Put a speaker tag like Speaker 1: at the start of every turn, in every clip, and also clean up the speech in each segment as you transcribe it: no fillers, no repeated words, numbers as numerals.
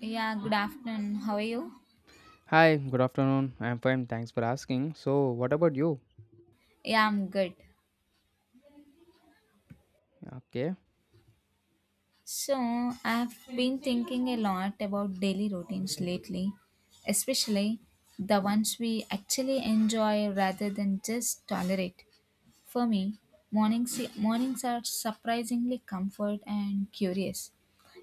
Speaker 1: Yeah, good afternoon. How are you?
Speaker 2: Hi, good afternoon. I'm fine. Thanks for asking. So, what about you?
Speaker 1: Yeah, I'm good.
Speaker 2: Okay.
Speaker 1: So, I've been thinking a lot about daily routines lately, especially the ones we actually enjoy rather than just tolerate. For me, mornings are surprisingly comfort and curious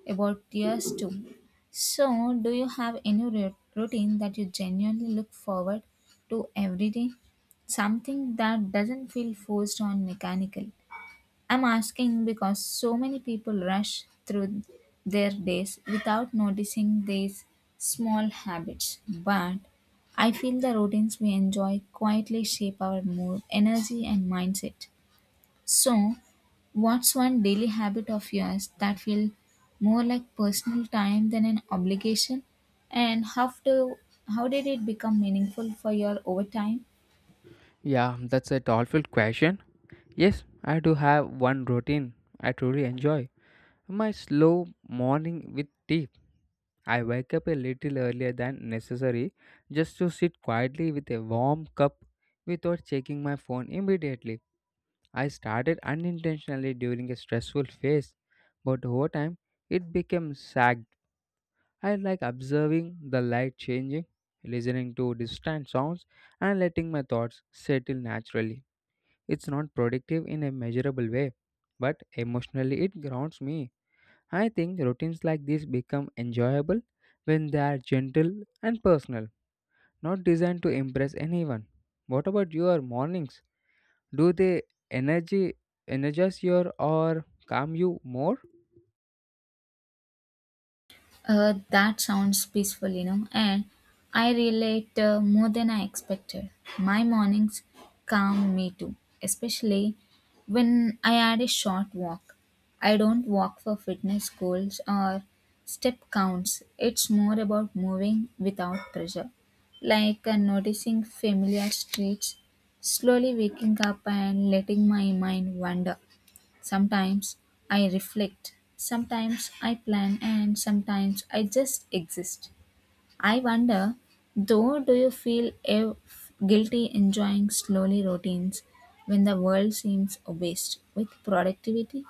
Speaker 1: about yours too. So, do you have any routine that you genuinely look forward to every day? Something that doesn't feel forced or mechanical. I'm asking because so many people rush through their days without noticing these small habits. But I feel the routines we enjoy quietly shape our mood, energy, and mindset. So, what's one daily habit of yours that feels more like personal time than an obligation? And how did it become meaningful for your over time?
Speaker 2: Yeah, that's a thoughtful question. Yes, I do have one routine I truly enjoy. My slow morning with tea. I wake up a little earlier than necessary just to sit quietly with a warm cup without checking my phone immediately. I started unintentionally during a stressful phase, but over time it became sagged. I like observing the light changing, listening to distant sounds, and letting my thoughts settle naturally. It's not productive in a measurable way, but emotionally it grounds me. I think routines like this become enjoyable when they are gentle and personal, not designed to impress anyone. What about your mornings? Do they energy energize you or calm you more?
Speaker 1: That sounds peaceful, you know, and I relate more than I expected. My mornings calm me too, especially when I add a short walk. I don't walk for fitness goals or step counts, it's more about moving without pressure, like noticing familiar streets, slowly waking up and letting my mind wander. Sometimes I reflect, sometimes I plan, and sometimes I just exist. I wonder, though, do you feel guilty enjoying slowly routines when the world seems obsessed with productivity?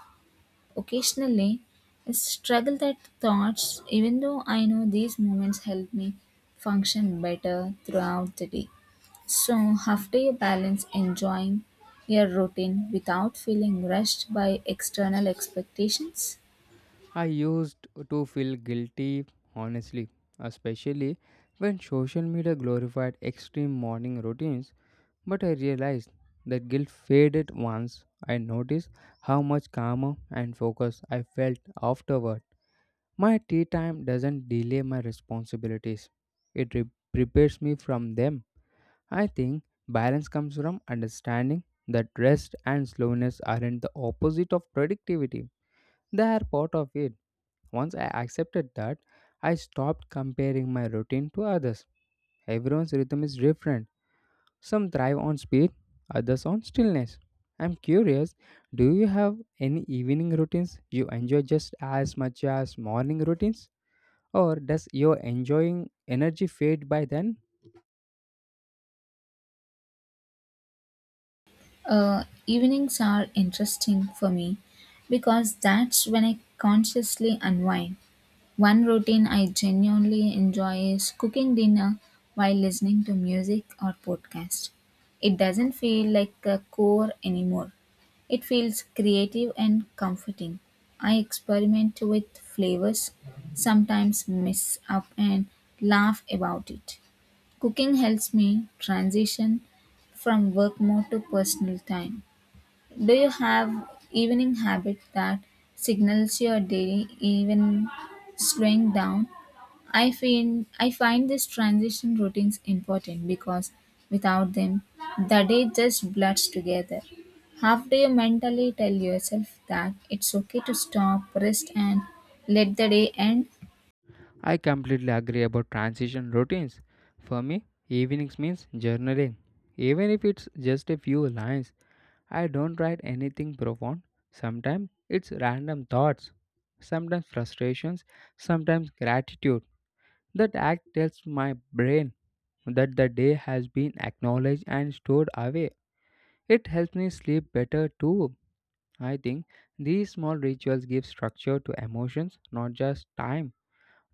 Speaker 1: Occasionally, I struggle that thoughts, even though I know these moments help me function better throughout the day. So, how do you balance enjoying your routine without feeling rushed by external expectations?
Speaker 2: I used to feel guilty, honestly, especially when social media glorified extreme morning routines. But I realized that guilt faded once I noticed how much calmer and focused I felt afterward. My tea time doesn't delay my responsibilities, it prepares me from them. I think balance comes from understanding that rest and slowness aren't the opposite of productivity, they are part of it. Once I accepted that, I stopped comparing my routine to others. Everyone's rhythm is different. Some thrive on speed, others on stillness. I'm curious, do you have any evening routines you enjoy just as much as morning routines? Or does your enjoying energy fade by then?
Speaker 1: Evenings are interesting for me because that's when I consciously unwind. One routine I genuinely enjoy is cooking dinner while listening to music or podcast. It doesn't feel like a chore anymore. It feels creative and comforting. I experiment with flavors, sometimes mess up and laugh about it. Cooking helps me transition from work mode to personal time. Do you have evening habit that signals your day even slowing down? I feel I find these transition routines important because without them the day just blurs together. How do you mentally tell yourself that it's okay to stop, rest and let the day end?
Speaker 2: I completely agree about transition routines. For me, evenings means journaling. Even if it's just a few lines, I don't write anything profound. Sometimes it's random thoughts, sometimes frustrations, sometimes gratitude. That act tells my brain that the day has been acknowledged and stored away. It helps me sleep better too. I think these small rituals give structure to emotions, not just time.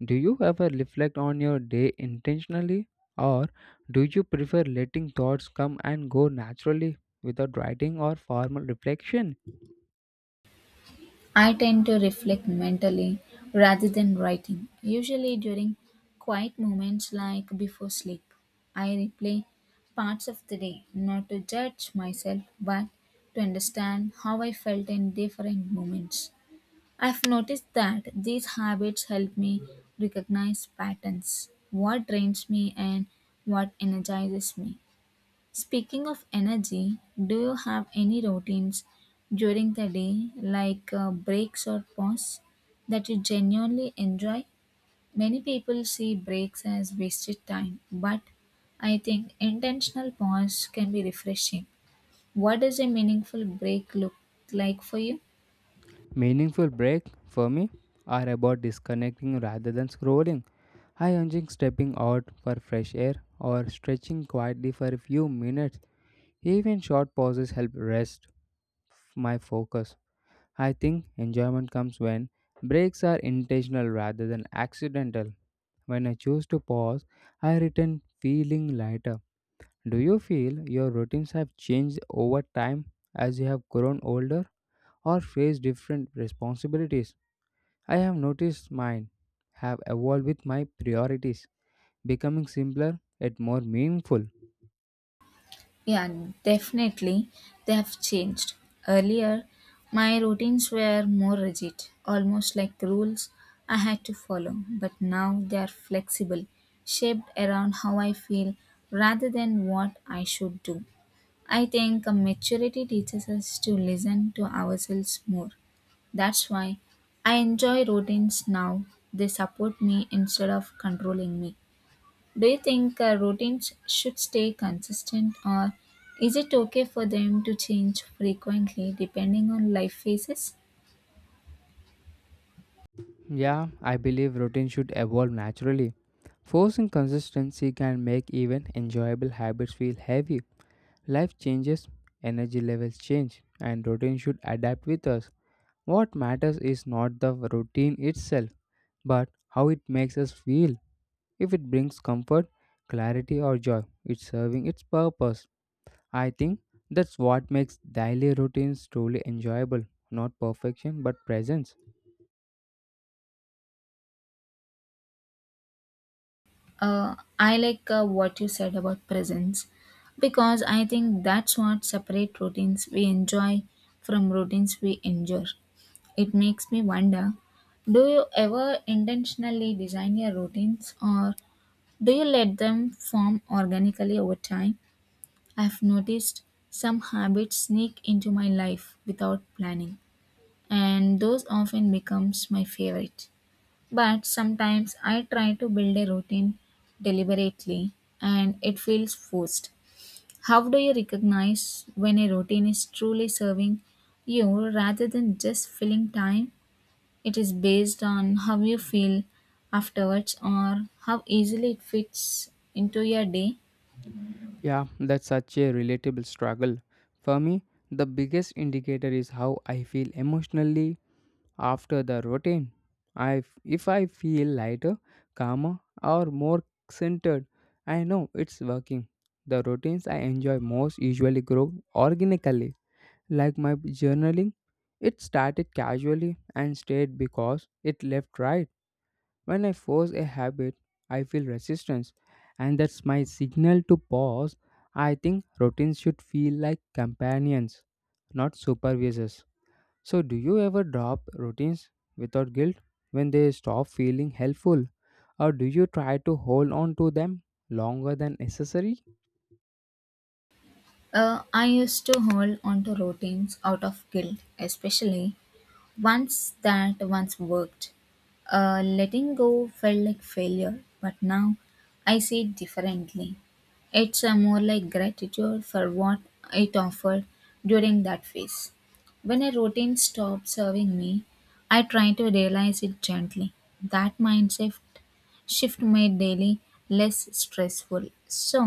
Speaker 2: Do you ever reflect on your day intentionally, or do you prefer letting thoughts come and go naturally without writing or formal reflection?
Speaker 1: I tend to reflect mentally rather than writing, usually during quiet moments like before sleep. I replay parts of the day, not to judge myself, but to understand how I felt in different moments. I've noticed that these habits help me recognize patterns, what drains me and what energizes me. Speaking of energy, do you have any routines during the day, like breaks or pause, that you genuinely enjoy? Many people see breaks as wasted time, but I think intentional pause can be refreshing. What does a meaningful break look like for you?
Speaker 2: Meaningful breaks for me are about disconnecting rather than scrolling. I enjoy stepping out for fresh air or stretching quietly for a few minutes. Even short pauses help rest my focus. I think enjoyment comes when breaks are intentional rather than accidental. When I choose to pause, I return feeling lighter. Do you feel your routines have changed over time as you have grown older or faced different responsibilities? I have noticed mine have evolved with my priorities, becoming simpler yet more meaningful.
Speaker 1: Yeah, definitely. They have changed. Earlier, my routines were more rigid, almost like rules I had to follow, but now they are flexible, shaped around how I feel rather than what I should do. I think a maturity teaches us to listen to ourselves more. That's why I enjoy routines now. They support me instead of controlling me. Do you think routines should stay consistent or is it okay for them to change frequently depending on life phases?
Speaker 2: Yeah, I believe routine should evolve naturally. Forcing consistency can make even enjoyable habits feel heavy. Life changes, energy levels change, and routine should adapt with us. What matters is not the routine itself, but how it makes us feel. If it brings comfort, clarity, or joy, it's serving its purpose. I think that's what makes daily routines truly enjoyable. Not perfection, but presence.
Speaker 1: I like what you said about presence because I think that's what separate routines we enjoy from routines we endure. It makes me wonder, do you ever intentionally design your routines or do you let them form organically over time? I've noticed some habits sneak into my life without planning, and those often becomes my favorite. But sometimes I try to build a routine deliberately and it feels forced. How do you recognize when a routine is truly serving you rather than just filling time? It is based on how you feel afterwards or how easily it fits into your day.
Speaker 2: Yeah, that's such a relatable struggle. For me, the biggest indicator is how I feel emotionally after the routine. If I feel lighter, calmer, or more centered, I know it's working. The routines I enjoy most usually grow organically. Like my journaling, it started casually and stayed because it left right. When I force a habit, I feel resistance, and that's my signal to pause. I think routines should feel like companions, not supervisors. So, do you ever drop routines without guilt when they stop feeling helpful, or do you try to hold on to them longer than necessary?
Speaker 1: I used to hold on to routines out of guilt, especially once that once worked. Letting go felt like failure, but now I see it differently. It's more like gratitude for what it offered during that phase. When a routine stops serving me, I try to realize it gently. That mindset shift made daily less stressful. So,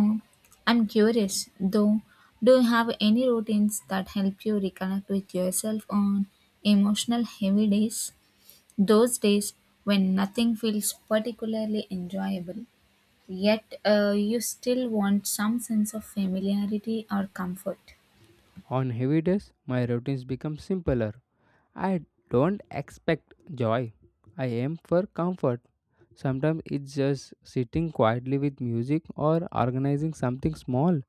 Speaker 1: I'm curious though, do you have any routines that help you reconnect with yourself on emotional heavy days? Those days when nothing feels particularly enjoyable, yet you still want some sense of familiarity or comfort.
Speaker 2: On heavy days, my routines become simpler. I don't expect joy. I aim for comfort. Sometimes it's just sitting quietly with music or organizing something small.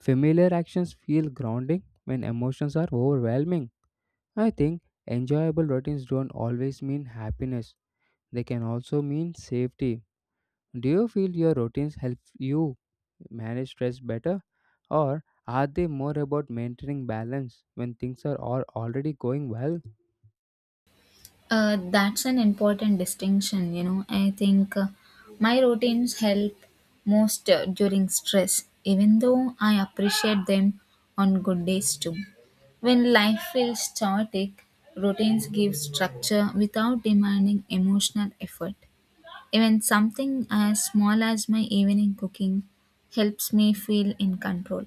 Speaker 2: Familiar actions feel grounding when emotions are overwhelming. I think enjoyable routines don't always mean happiness, they can also mean safety. Do you feel your routines help you manage stress better? Or are they more about maintaining balance when things are already going well?
Speaker 1: That's an important distinction, you know. I think my routines help most during stress, even though I appreciate them on good days too. When life feels chaotic, routines give structure without demanding emotional effort. Even something as small as my evening cooking helps me feel in control.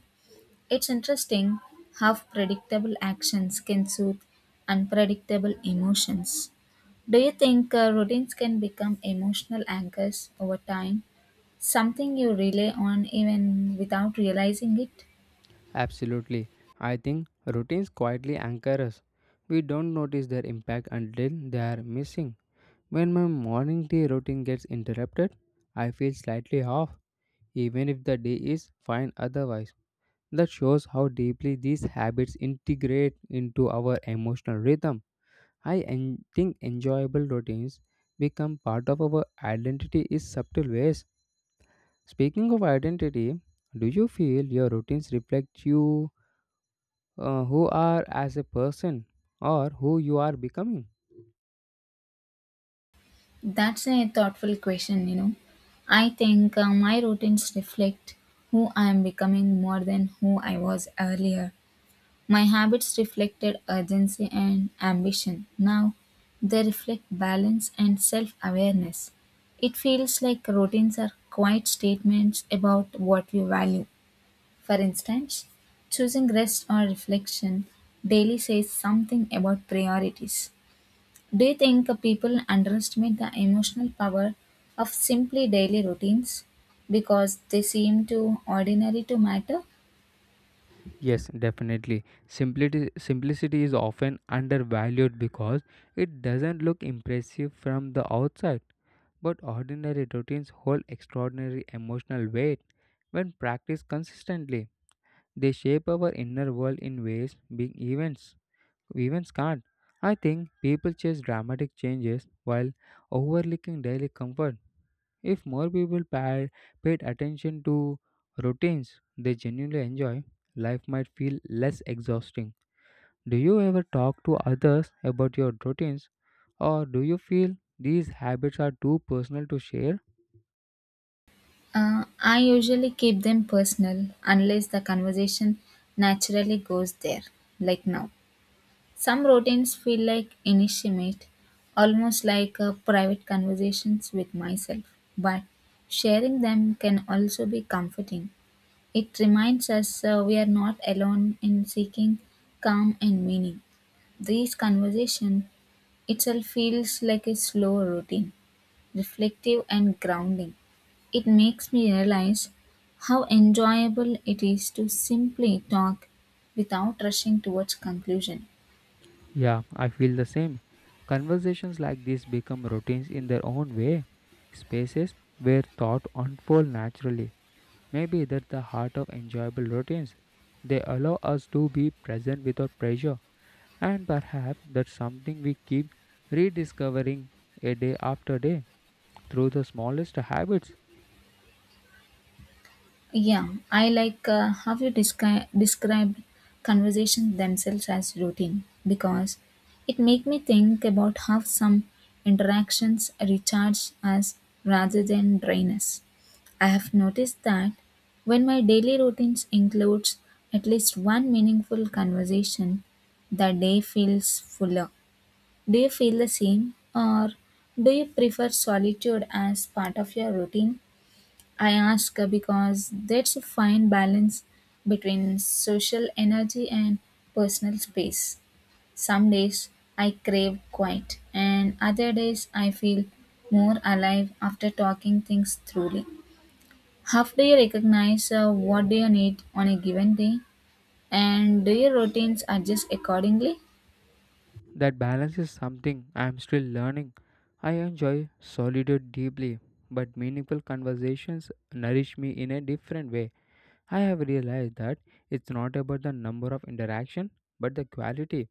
Speaker 1: It's interesting how predictable actions can soothe unpredictable emotions. Do you think routines can become emotional anchors over time? Something you rely on even without realizing it?
Speaker 2: Absolutely. I think routines quietly anchor us. We don't notice their impact until they are missing. When my morning tea routine gets interrupted, I feel slightly off, even if the day is fine otherwise. That shows how deeply these habits integrate into our emotional rhythm. Think enjoyable routines become part of our identity in subtle ways. Speaking of identity, do you feel your routines reflect you, who are as a person or who you are becoming?
Speaker 1: That's a thoughtful question, you know. I think my routines reflect who I am becoming more than who I was earlier. My habits reflected urgency and ambition. Now they reflect balance and self awareness. It feels like routines are quiet statements about what we value. For instance, choosing rest or reflection daily says something about priorities. Do you think people underestimate the emotional power of simply daily routines because they seem too ordinary to matter?
Speaker 2: Yes, definitely. Simplicity, simplicity is often undervalued because it doesn't look impressive from the outside, but ordinary routines hold extraordinary emotional weight. When practiced consistently, they shape our inner world in ways big events can't. I think people chase dramatic changes while overlooking daily comfort. If more paid attention to routines they genuinely enjoy, life might feel less exhausting. Do you ever talk to others about your routines, or do you feel these habits are too personal to share?
Speaker 1: I usually keep them personal unless the conversation naturally goes there, like now. Some routines feel like intimate, almost like private conversations with myself, but sharing them can also be comforting. It reminds us we are not alone in seeking calm and meaning. These conversation itself feels like a slow routine reflective, and grounding. It makes me realize how enjoyable it is to simply talk without rushing towards conclusion.
Speaker 2: Yeah, I feel the same. Conversations like this become routines in their own way, spaces where thought unfold naturally. Maybe that's the heart of enjoyable routines. They allow us to be present without pressure. And perhaps that's something we keep rediscovering a day after day through the smallest habits.
Speaker 1: Yeah, I like how you described conversations themselves as routine because it make me think about how some interactions recharge us rather than drain us. I have noticed that when my daily routines includes at least one meaningful conversation, the day feels fuller. Do you feel the same or do you prefer solitude as part of your routine? I ask because that's a fine balance between social energy and personal space. Some days I crave quiet, and other days I feel more alive after talking things truly. How do you recognize what do you need on a given day, and do your routines adjust accordingly?
Speaker 2: That balance is something I am still learning. I enjoy solitude deeply, but meaningful conversations nourish me in a different way. I have realized that it's not about the number of interaction, but the quality.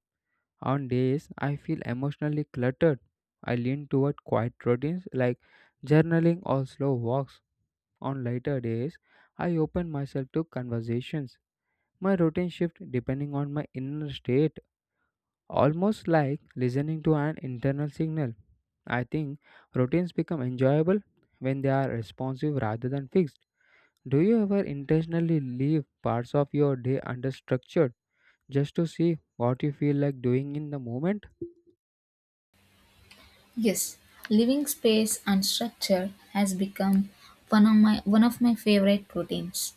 Speaker 2: On days I feel emotionally cluttered, I lean toward quiet routines like journaling or slow walks. On lighter days, I open myself to conversations. My routine shifts depending on my inner state, almost like listening to an internal signal. I think routines become enjoyable when they are responsive rather than fixed. Do you ever intentionally leave parts of your day understructured just to see what you feel like doing in the moment?
Speaker 1: Yes, living space unstructured has become one of my favorite routines.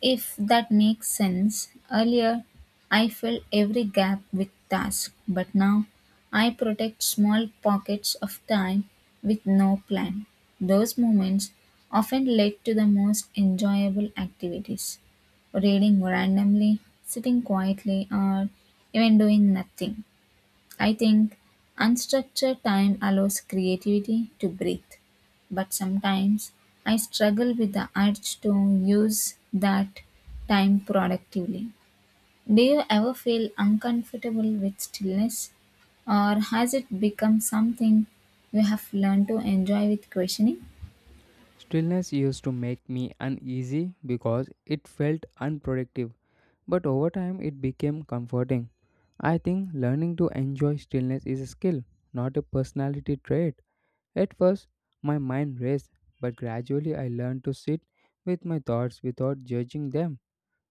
Speaker 1: If that makes sense, earlier I filled every gap with tasks, but now I protect small pockets of time with no plan. Those moments often lead to the most enjoyable activities reading randomly, sitting quietly, or even doing nothing. I think unstructured time allows creativity to breathe, but sometimes I struggle with the urge to use that time productively. Do you ever feel uncomfortable with stillness, or has it become something you have learned to enjoy with questioning?
Speaker 2: Stillness used to make me uneasy because it felt unproductive, but over time it became comforting. I think learning to enjoy stillness is a skill, not a personality trait. At first, my mind raced, but gradually I learned to sit with my thoughts without judging them.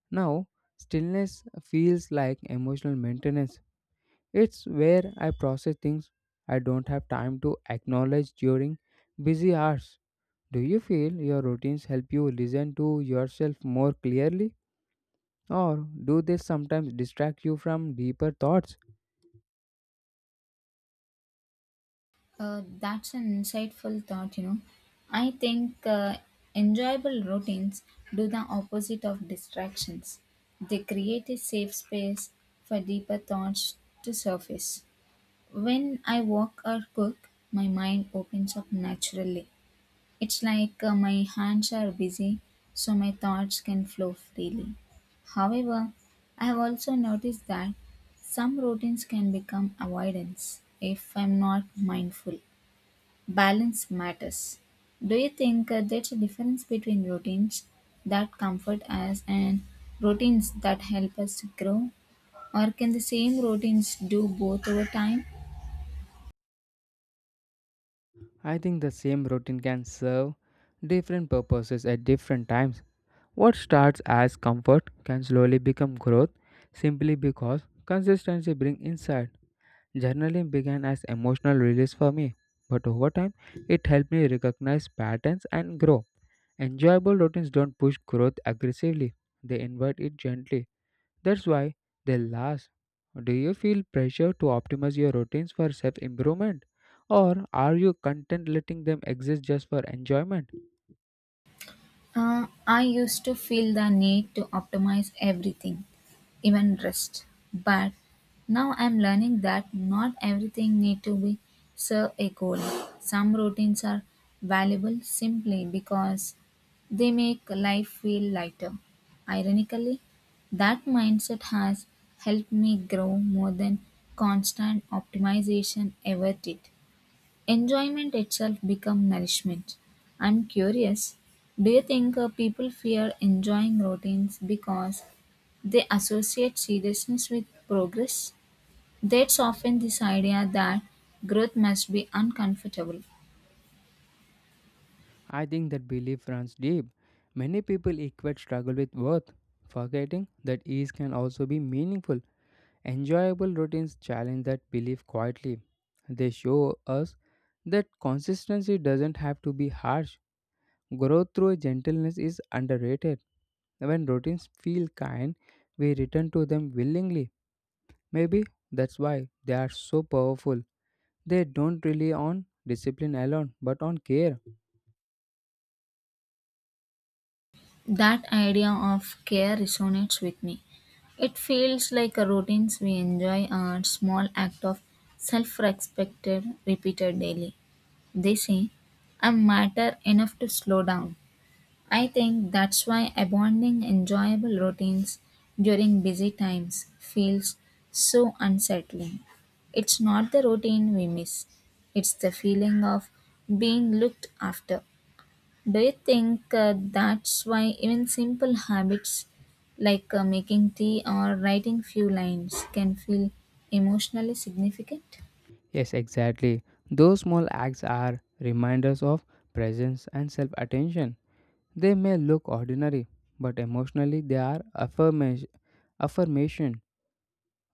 Speaker 2: Now, stillness feels like emotional maintenance. It's where I process things I don't have time to acknowledge during busy hours. Do you feel your routines help you listen to yourself more clearly? Or do they sometimes distract you from deeper thoughts?
Speaker 1: That's an insightful thought, you know. I think enjoyable routines do the opposite of distractions. They create a safe space for deeper thoughts to surface. When I walk or cook, my mind opens up naturally. It's like my hands are busy, so my thoughts can flow freely. However, I have also noticed that some routines can become avoidance if I'm not mindful. Balance matters. Do you think there's a difference between routines that comfort us and routines that help us to grow? Or can the same routines do both over time?
Speaker 2: I think the same routine can serve different purposes at different times. What starts as comfort can slowly become growth simply because consistency brings insight. Journaling began as emotional release for me, but over time it helped me recognize patterns and grow. Enjoyable routines don't push growth aggressively, they invite it gently. That's why they last. Do you feel pressure to optimize your routines for self improvement? Or are you content letting them exist just for enjoyment?
Speaker 1: I used to feel the need to optimize everything, even rest. But now I'm learning that not everything need to be serve a goal. Some routines are valuable simply because they make life feel lighter. Ironically, that mindset has helped me grow more than constant optimization ever did. Enjoyment itself become nourishment. I'm curious, do you think people fear enjoying routines because they associate seriousness with progress? That's often this idea that growth must be uncomfortable.
Speaker 2: I think that belief runs deep. Many people equate struggle with worth, forgetting that ease can also be meaningful. Enjoyable routines challenge that belief quietly. They show us that consistency doesn't have to be harsh. Growth through gentleness is underrated. When routines feel kind, we return to them willingly. Maybe that's why they are so powerful. They don't rely on discipline alone, but on care.
Speaker 1: That idea of care resonates with me. It feels like a routines we enjoy are small act of self-respect repeated daily. They say, I matter enough to slow down. I think that's why abandoning enjoyable routines during busy times feels so unsettling. It's not the routine we miss, it's the feeling of being looked after. Do you think that's why even simple habits like making tea or writing few lines can feel emotionally significant?
Speaker 2: Yes, exactly. Those small acts are reminders of presence and self attention. They may look ordinary, but emotionally they are affirmation.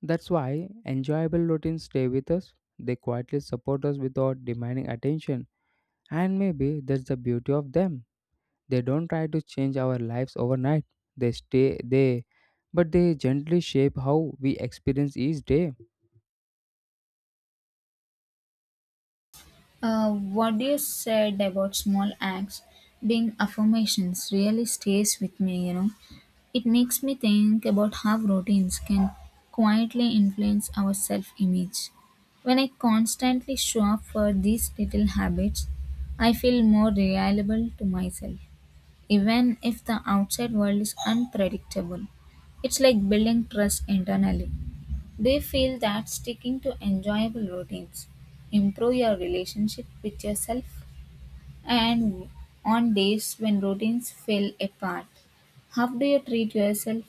Speaker 2: That's why enjoyable routines stay with us. They quietly support us without demanding attention. And maybe that's the beauty of them. They don't try to change our lives overnight. They stay they but they gently shape how we experience each day.
Speaker 1: What you said about small acts being affirmations really stays with me, you know. It makes me think about how routines can quietly influence our self image. When I constantly show up for these little habits, I feel more reliable to myself even if the outside world is unpredictable. It's like building trust internally. Do you feel that sticking to enjoyable routines improve your relationship with yourself? And on days when routines fall apart, how do you treat yourself?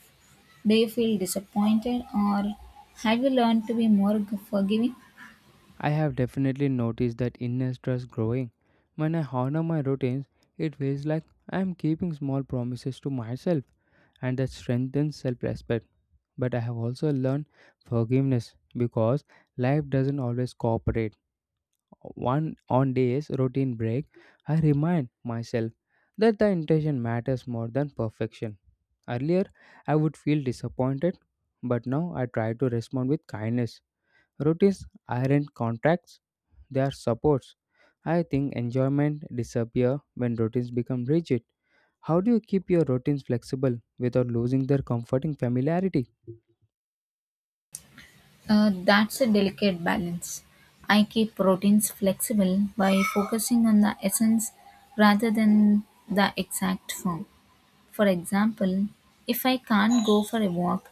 Speaker 1: Do you feel disappointed or have you learned to be more forgiving?
Speaker 2: I have definitely noticed that inner stress growing. When I honor my routines, it feels like I am keeping small promises to myself, and that strengthens self respect. But I have also learned forgiveness because life doesn't always cooperate. One On days routine break, I remind myself that the intention matters more than perfection. Earlier, I would feel disappointed, but now I try to respond with kindness. Routines aren't contracts, they are supports. I think enjoyment disappear when routines become rigid. How do you keep your routines flexible without losing their comforting familiarity?
Speaker 1: That's a delicate balance. I keep proteins flexible by focusing on the essence rather than the exact form. For example, if I can't go for a walk,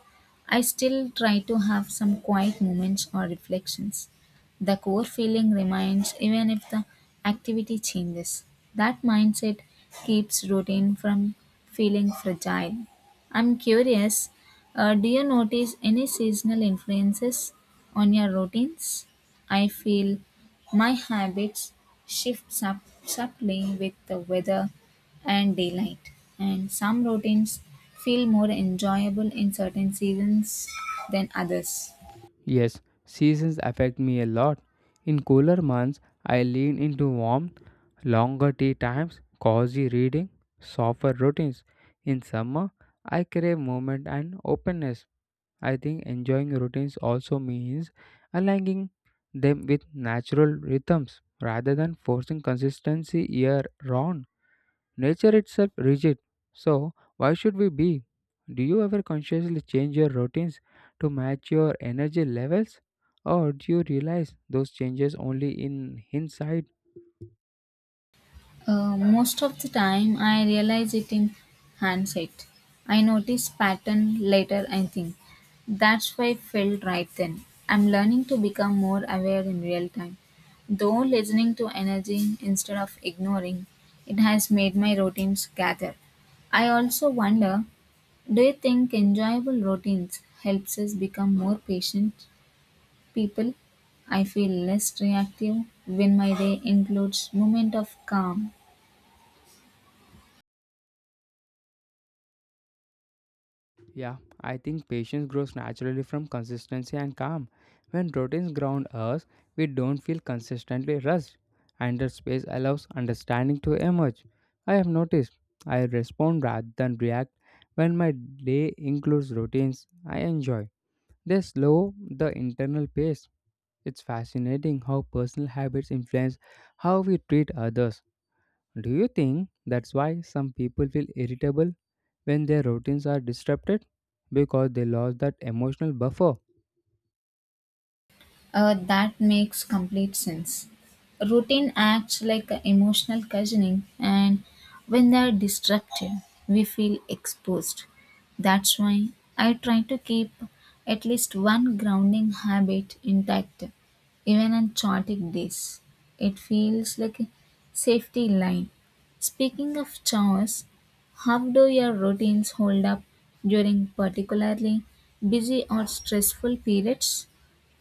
Speaker 1: I still try to have some quiet moments or reflections. The core feeling remains even if the activity changes. That mindset keeps routine from feeling fragile. I'm curious, do you notice any seasonal influences on your routines? I feel my habits shift subtly with the weather and daylight, and some routines feel more enjoyable in certain seasons than others.
Speaker 2: Yes, seasons affect me a lot. In cooler months, I lean into warmth, longer tea times, cozy reading, softer routines. In summer, I crave movement and openness. I think enjoying routines also means aligning them with natural rhythms rather than forcing consistency year round. Nature itself rigid. So why should we be? Do you ever consciously change your routines to match your energy levels? Or do you realize those changes only in hindsight?
Speaker 1: Most of the time, I realize it in hindsight. I notice pattern later. I think that's why I felt right then. I'm learning to become more aware in real time. Though listening to energy instead of ignoring, it has made my routines gather. I also wonder, do you think enjoyable routines helps us become more patient people? I feel less reactive when my day includes moment of calm.
Speaker 2: Yeah, I think patience grows naturally from consistency and calm. When routines ground us, we don't feel consistently rushed, and that space allows understanding to emerge. I have noticed I respond rather than react when my day includes routines I enjoy. They slow the internal pace. It's fascinating how personal habits influence how we treat others. Do you think that's why some people feel irritable when their routines are disrupted, because they lost that emotional buffer?
Speaker 1: That makes complete sense. Routine acts like a emotional cushioning, and when they are disrupted, we feel exposed. That's why I try to keep at least one grounding habit intact, even on chaotic days. It feels like a safety line. Speaking of chores, how do your routines hold up during particularly busy or stressful periods?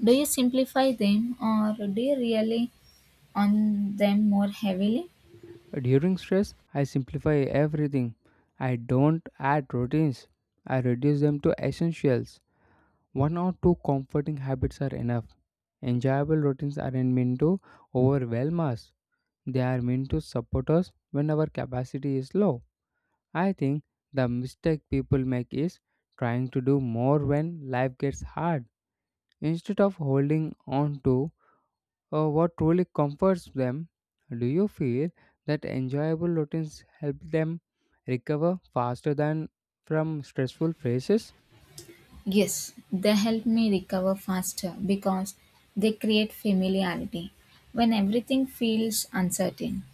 Speaker 1: Do you simplify them or do you rely on them more heavily?
Speaker 2: During stress, I simplify everything. I don't add routines, I reduce them to essentials. One or two comforting habits are enough. Enjoyable routines aren't meant to overwhelm us, they are meant to support us when our capacity is low. I think the mistake people make is trying to do more when life gets hard instead of holding on to. Or what truly comforts them? Do you feel that enjoyable routines help them recover faster than from stressful phases?
Speaker 1: Yes, they help me recover faster because they create familiarity when everything feels uncertain.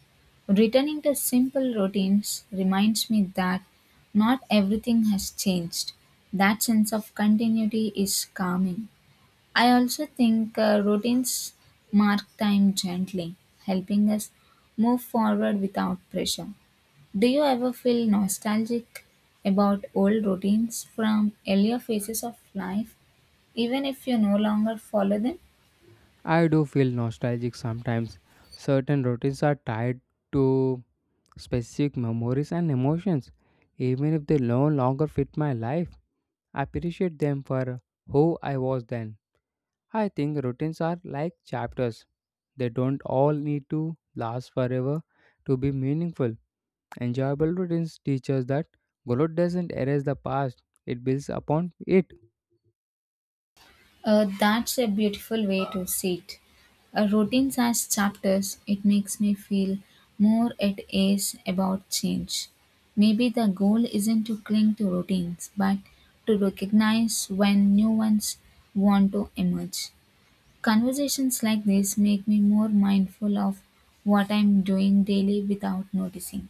Speaker 1: Returning to simple routines reminds me that not everything has changed. That sense of continuity is calming. I also think routines mark time gently, helping us move forward without pressure. Do you ever feel nostalgic about old routines from earlier phases of life, even if you no longer follow them?
Speaker 2: I do feel nostalgic sometimes. Certain routines are tied to specific memories and emotions, even if they no longer fit my life. I appreciate them for who I was then. I think routines are like chapters, they don't all need to last forever to be meaningful. Enjoyable routines teach us that growth doesn't erase the past, it builds upon it.
Speaker 1: That's a beautiful way to see it. A routines as chapters, it makes me feel more at ease about change. Maybe the goal isn't to cling to routines, but to recognize when new ones want to emerge. Conversations like this make me more mindful of what I'm doing daily without noticing.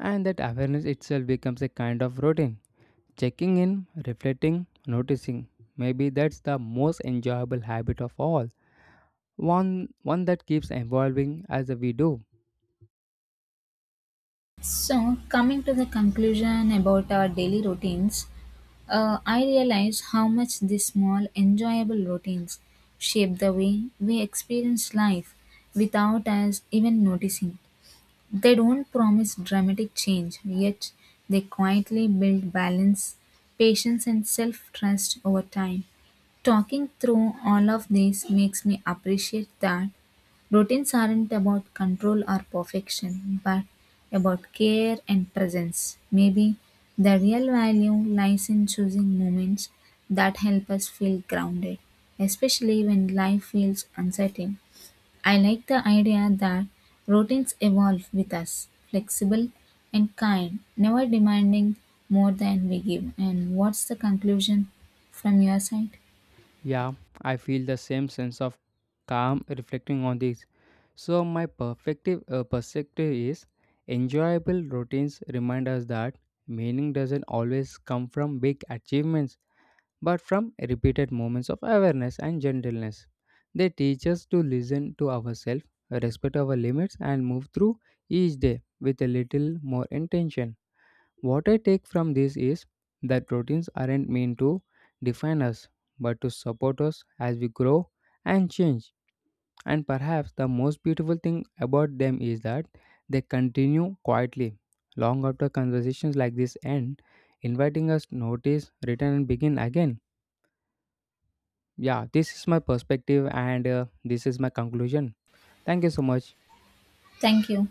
Speaker 2: And that awareness itself becomes a kind of routine. Checking in, reflecting, noticing. Maybe that's the most enjoyable habit of all. One that keeps evolving as we do.
Speaker 1: So, coming to the conclusion about our daily routines, I realize how much these small, enjoyable routines shape the way we experience life without us even noticing. They don't promise dramatic change, yet, they quietly build balance, patience, and self trust over time. Talking through all of this makes me appreciate that routines aren't about control or perfection, but about care and presence. Maybe the real value lies in choosing moments that help us feel grounded, especially when life feels uncertain. I like the idea that routines evolve with us, flexible and kind, never demanding more than we give. And what's the conclusion from your side?
Speaker 2: Yeah, I feel the same sense of calm reflecting on this. So my perspective is enjoyable routines remind us that meaning doesn't always come from big achievements, but from repeated moments of awareness and gentleness. They teach us to listen to ourselves, respect our limits, and move through each day with a little more intention. What I take from this is that routines aren't meant to define us, but to support us as we grow and change. And perhaps the most beautiful thing about them is that they continue quietly, long after conversations like this end, inviting us to notice, return, and begin again. Yeah, this is my perspective, and this is my conclusion. Thank you so much.
Speaker 1: Thank you.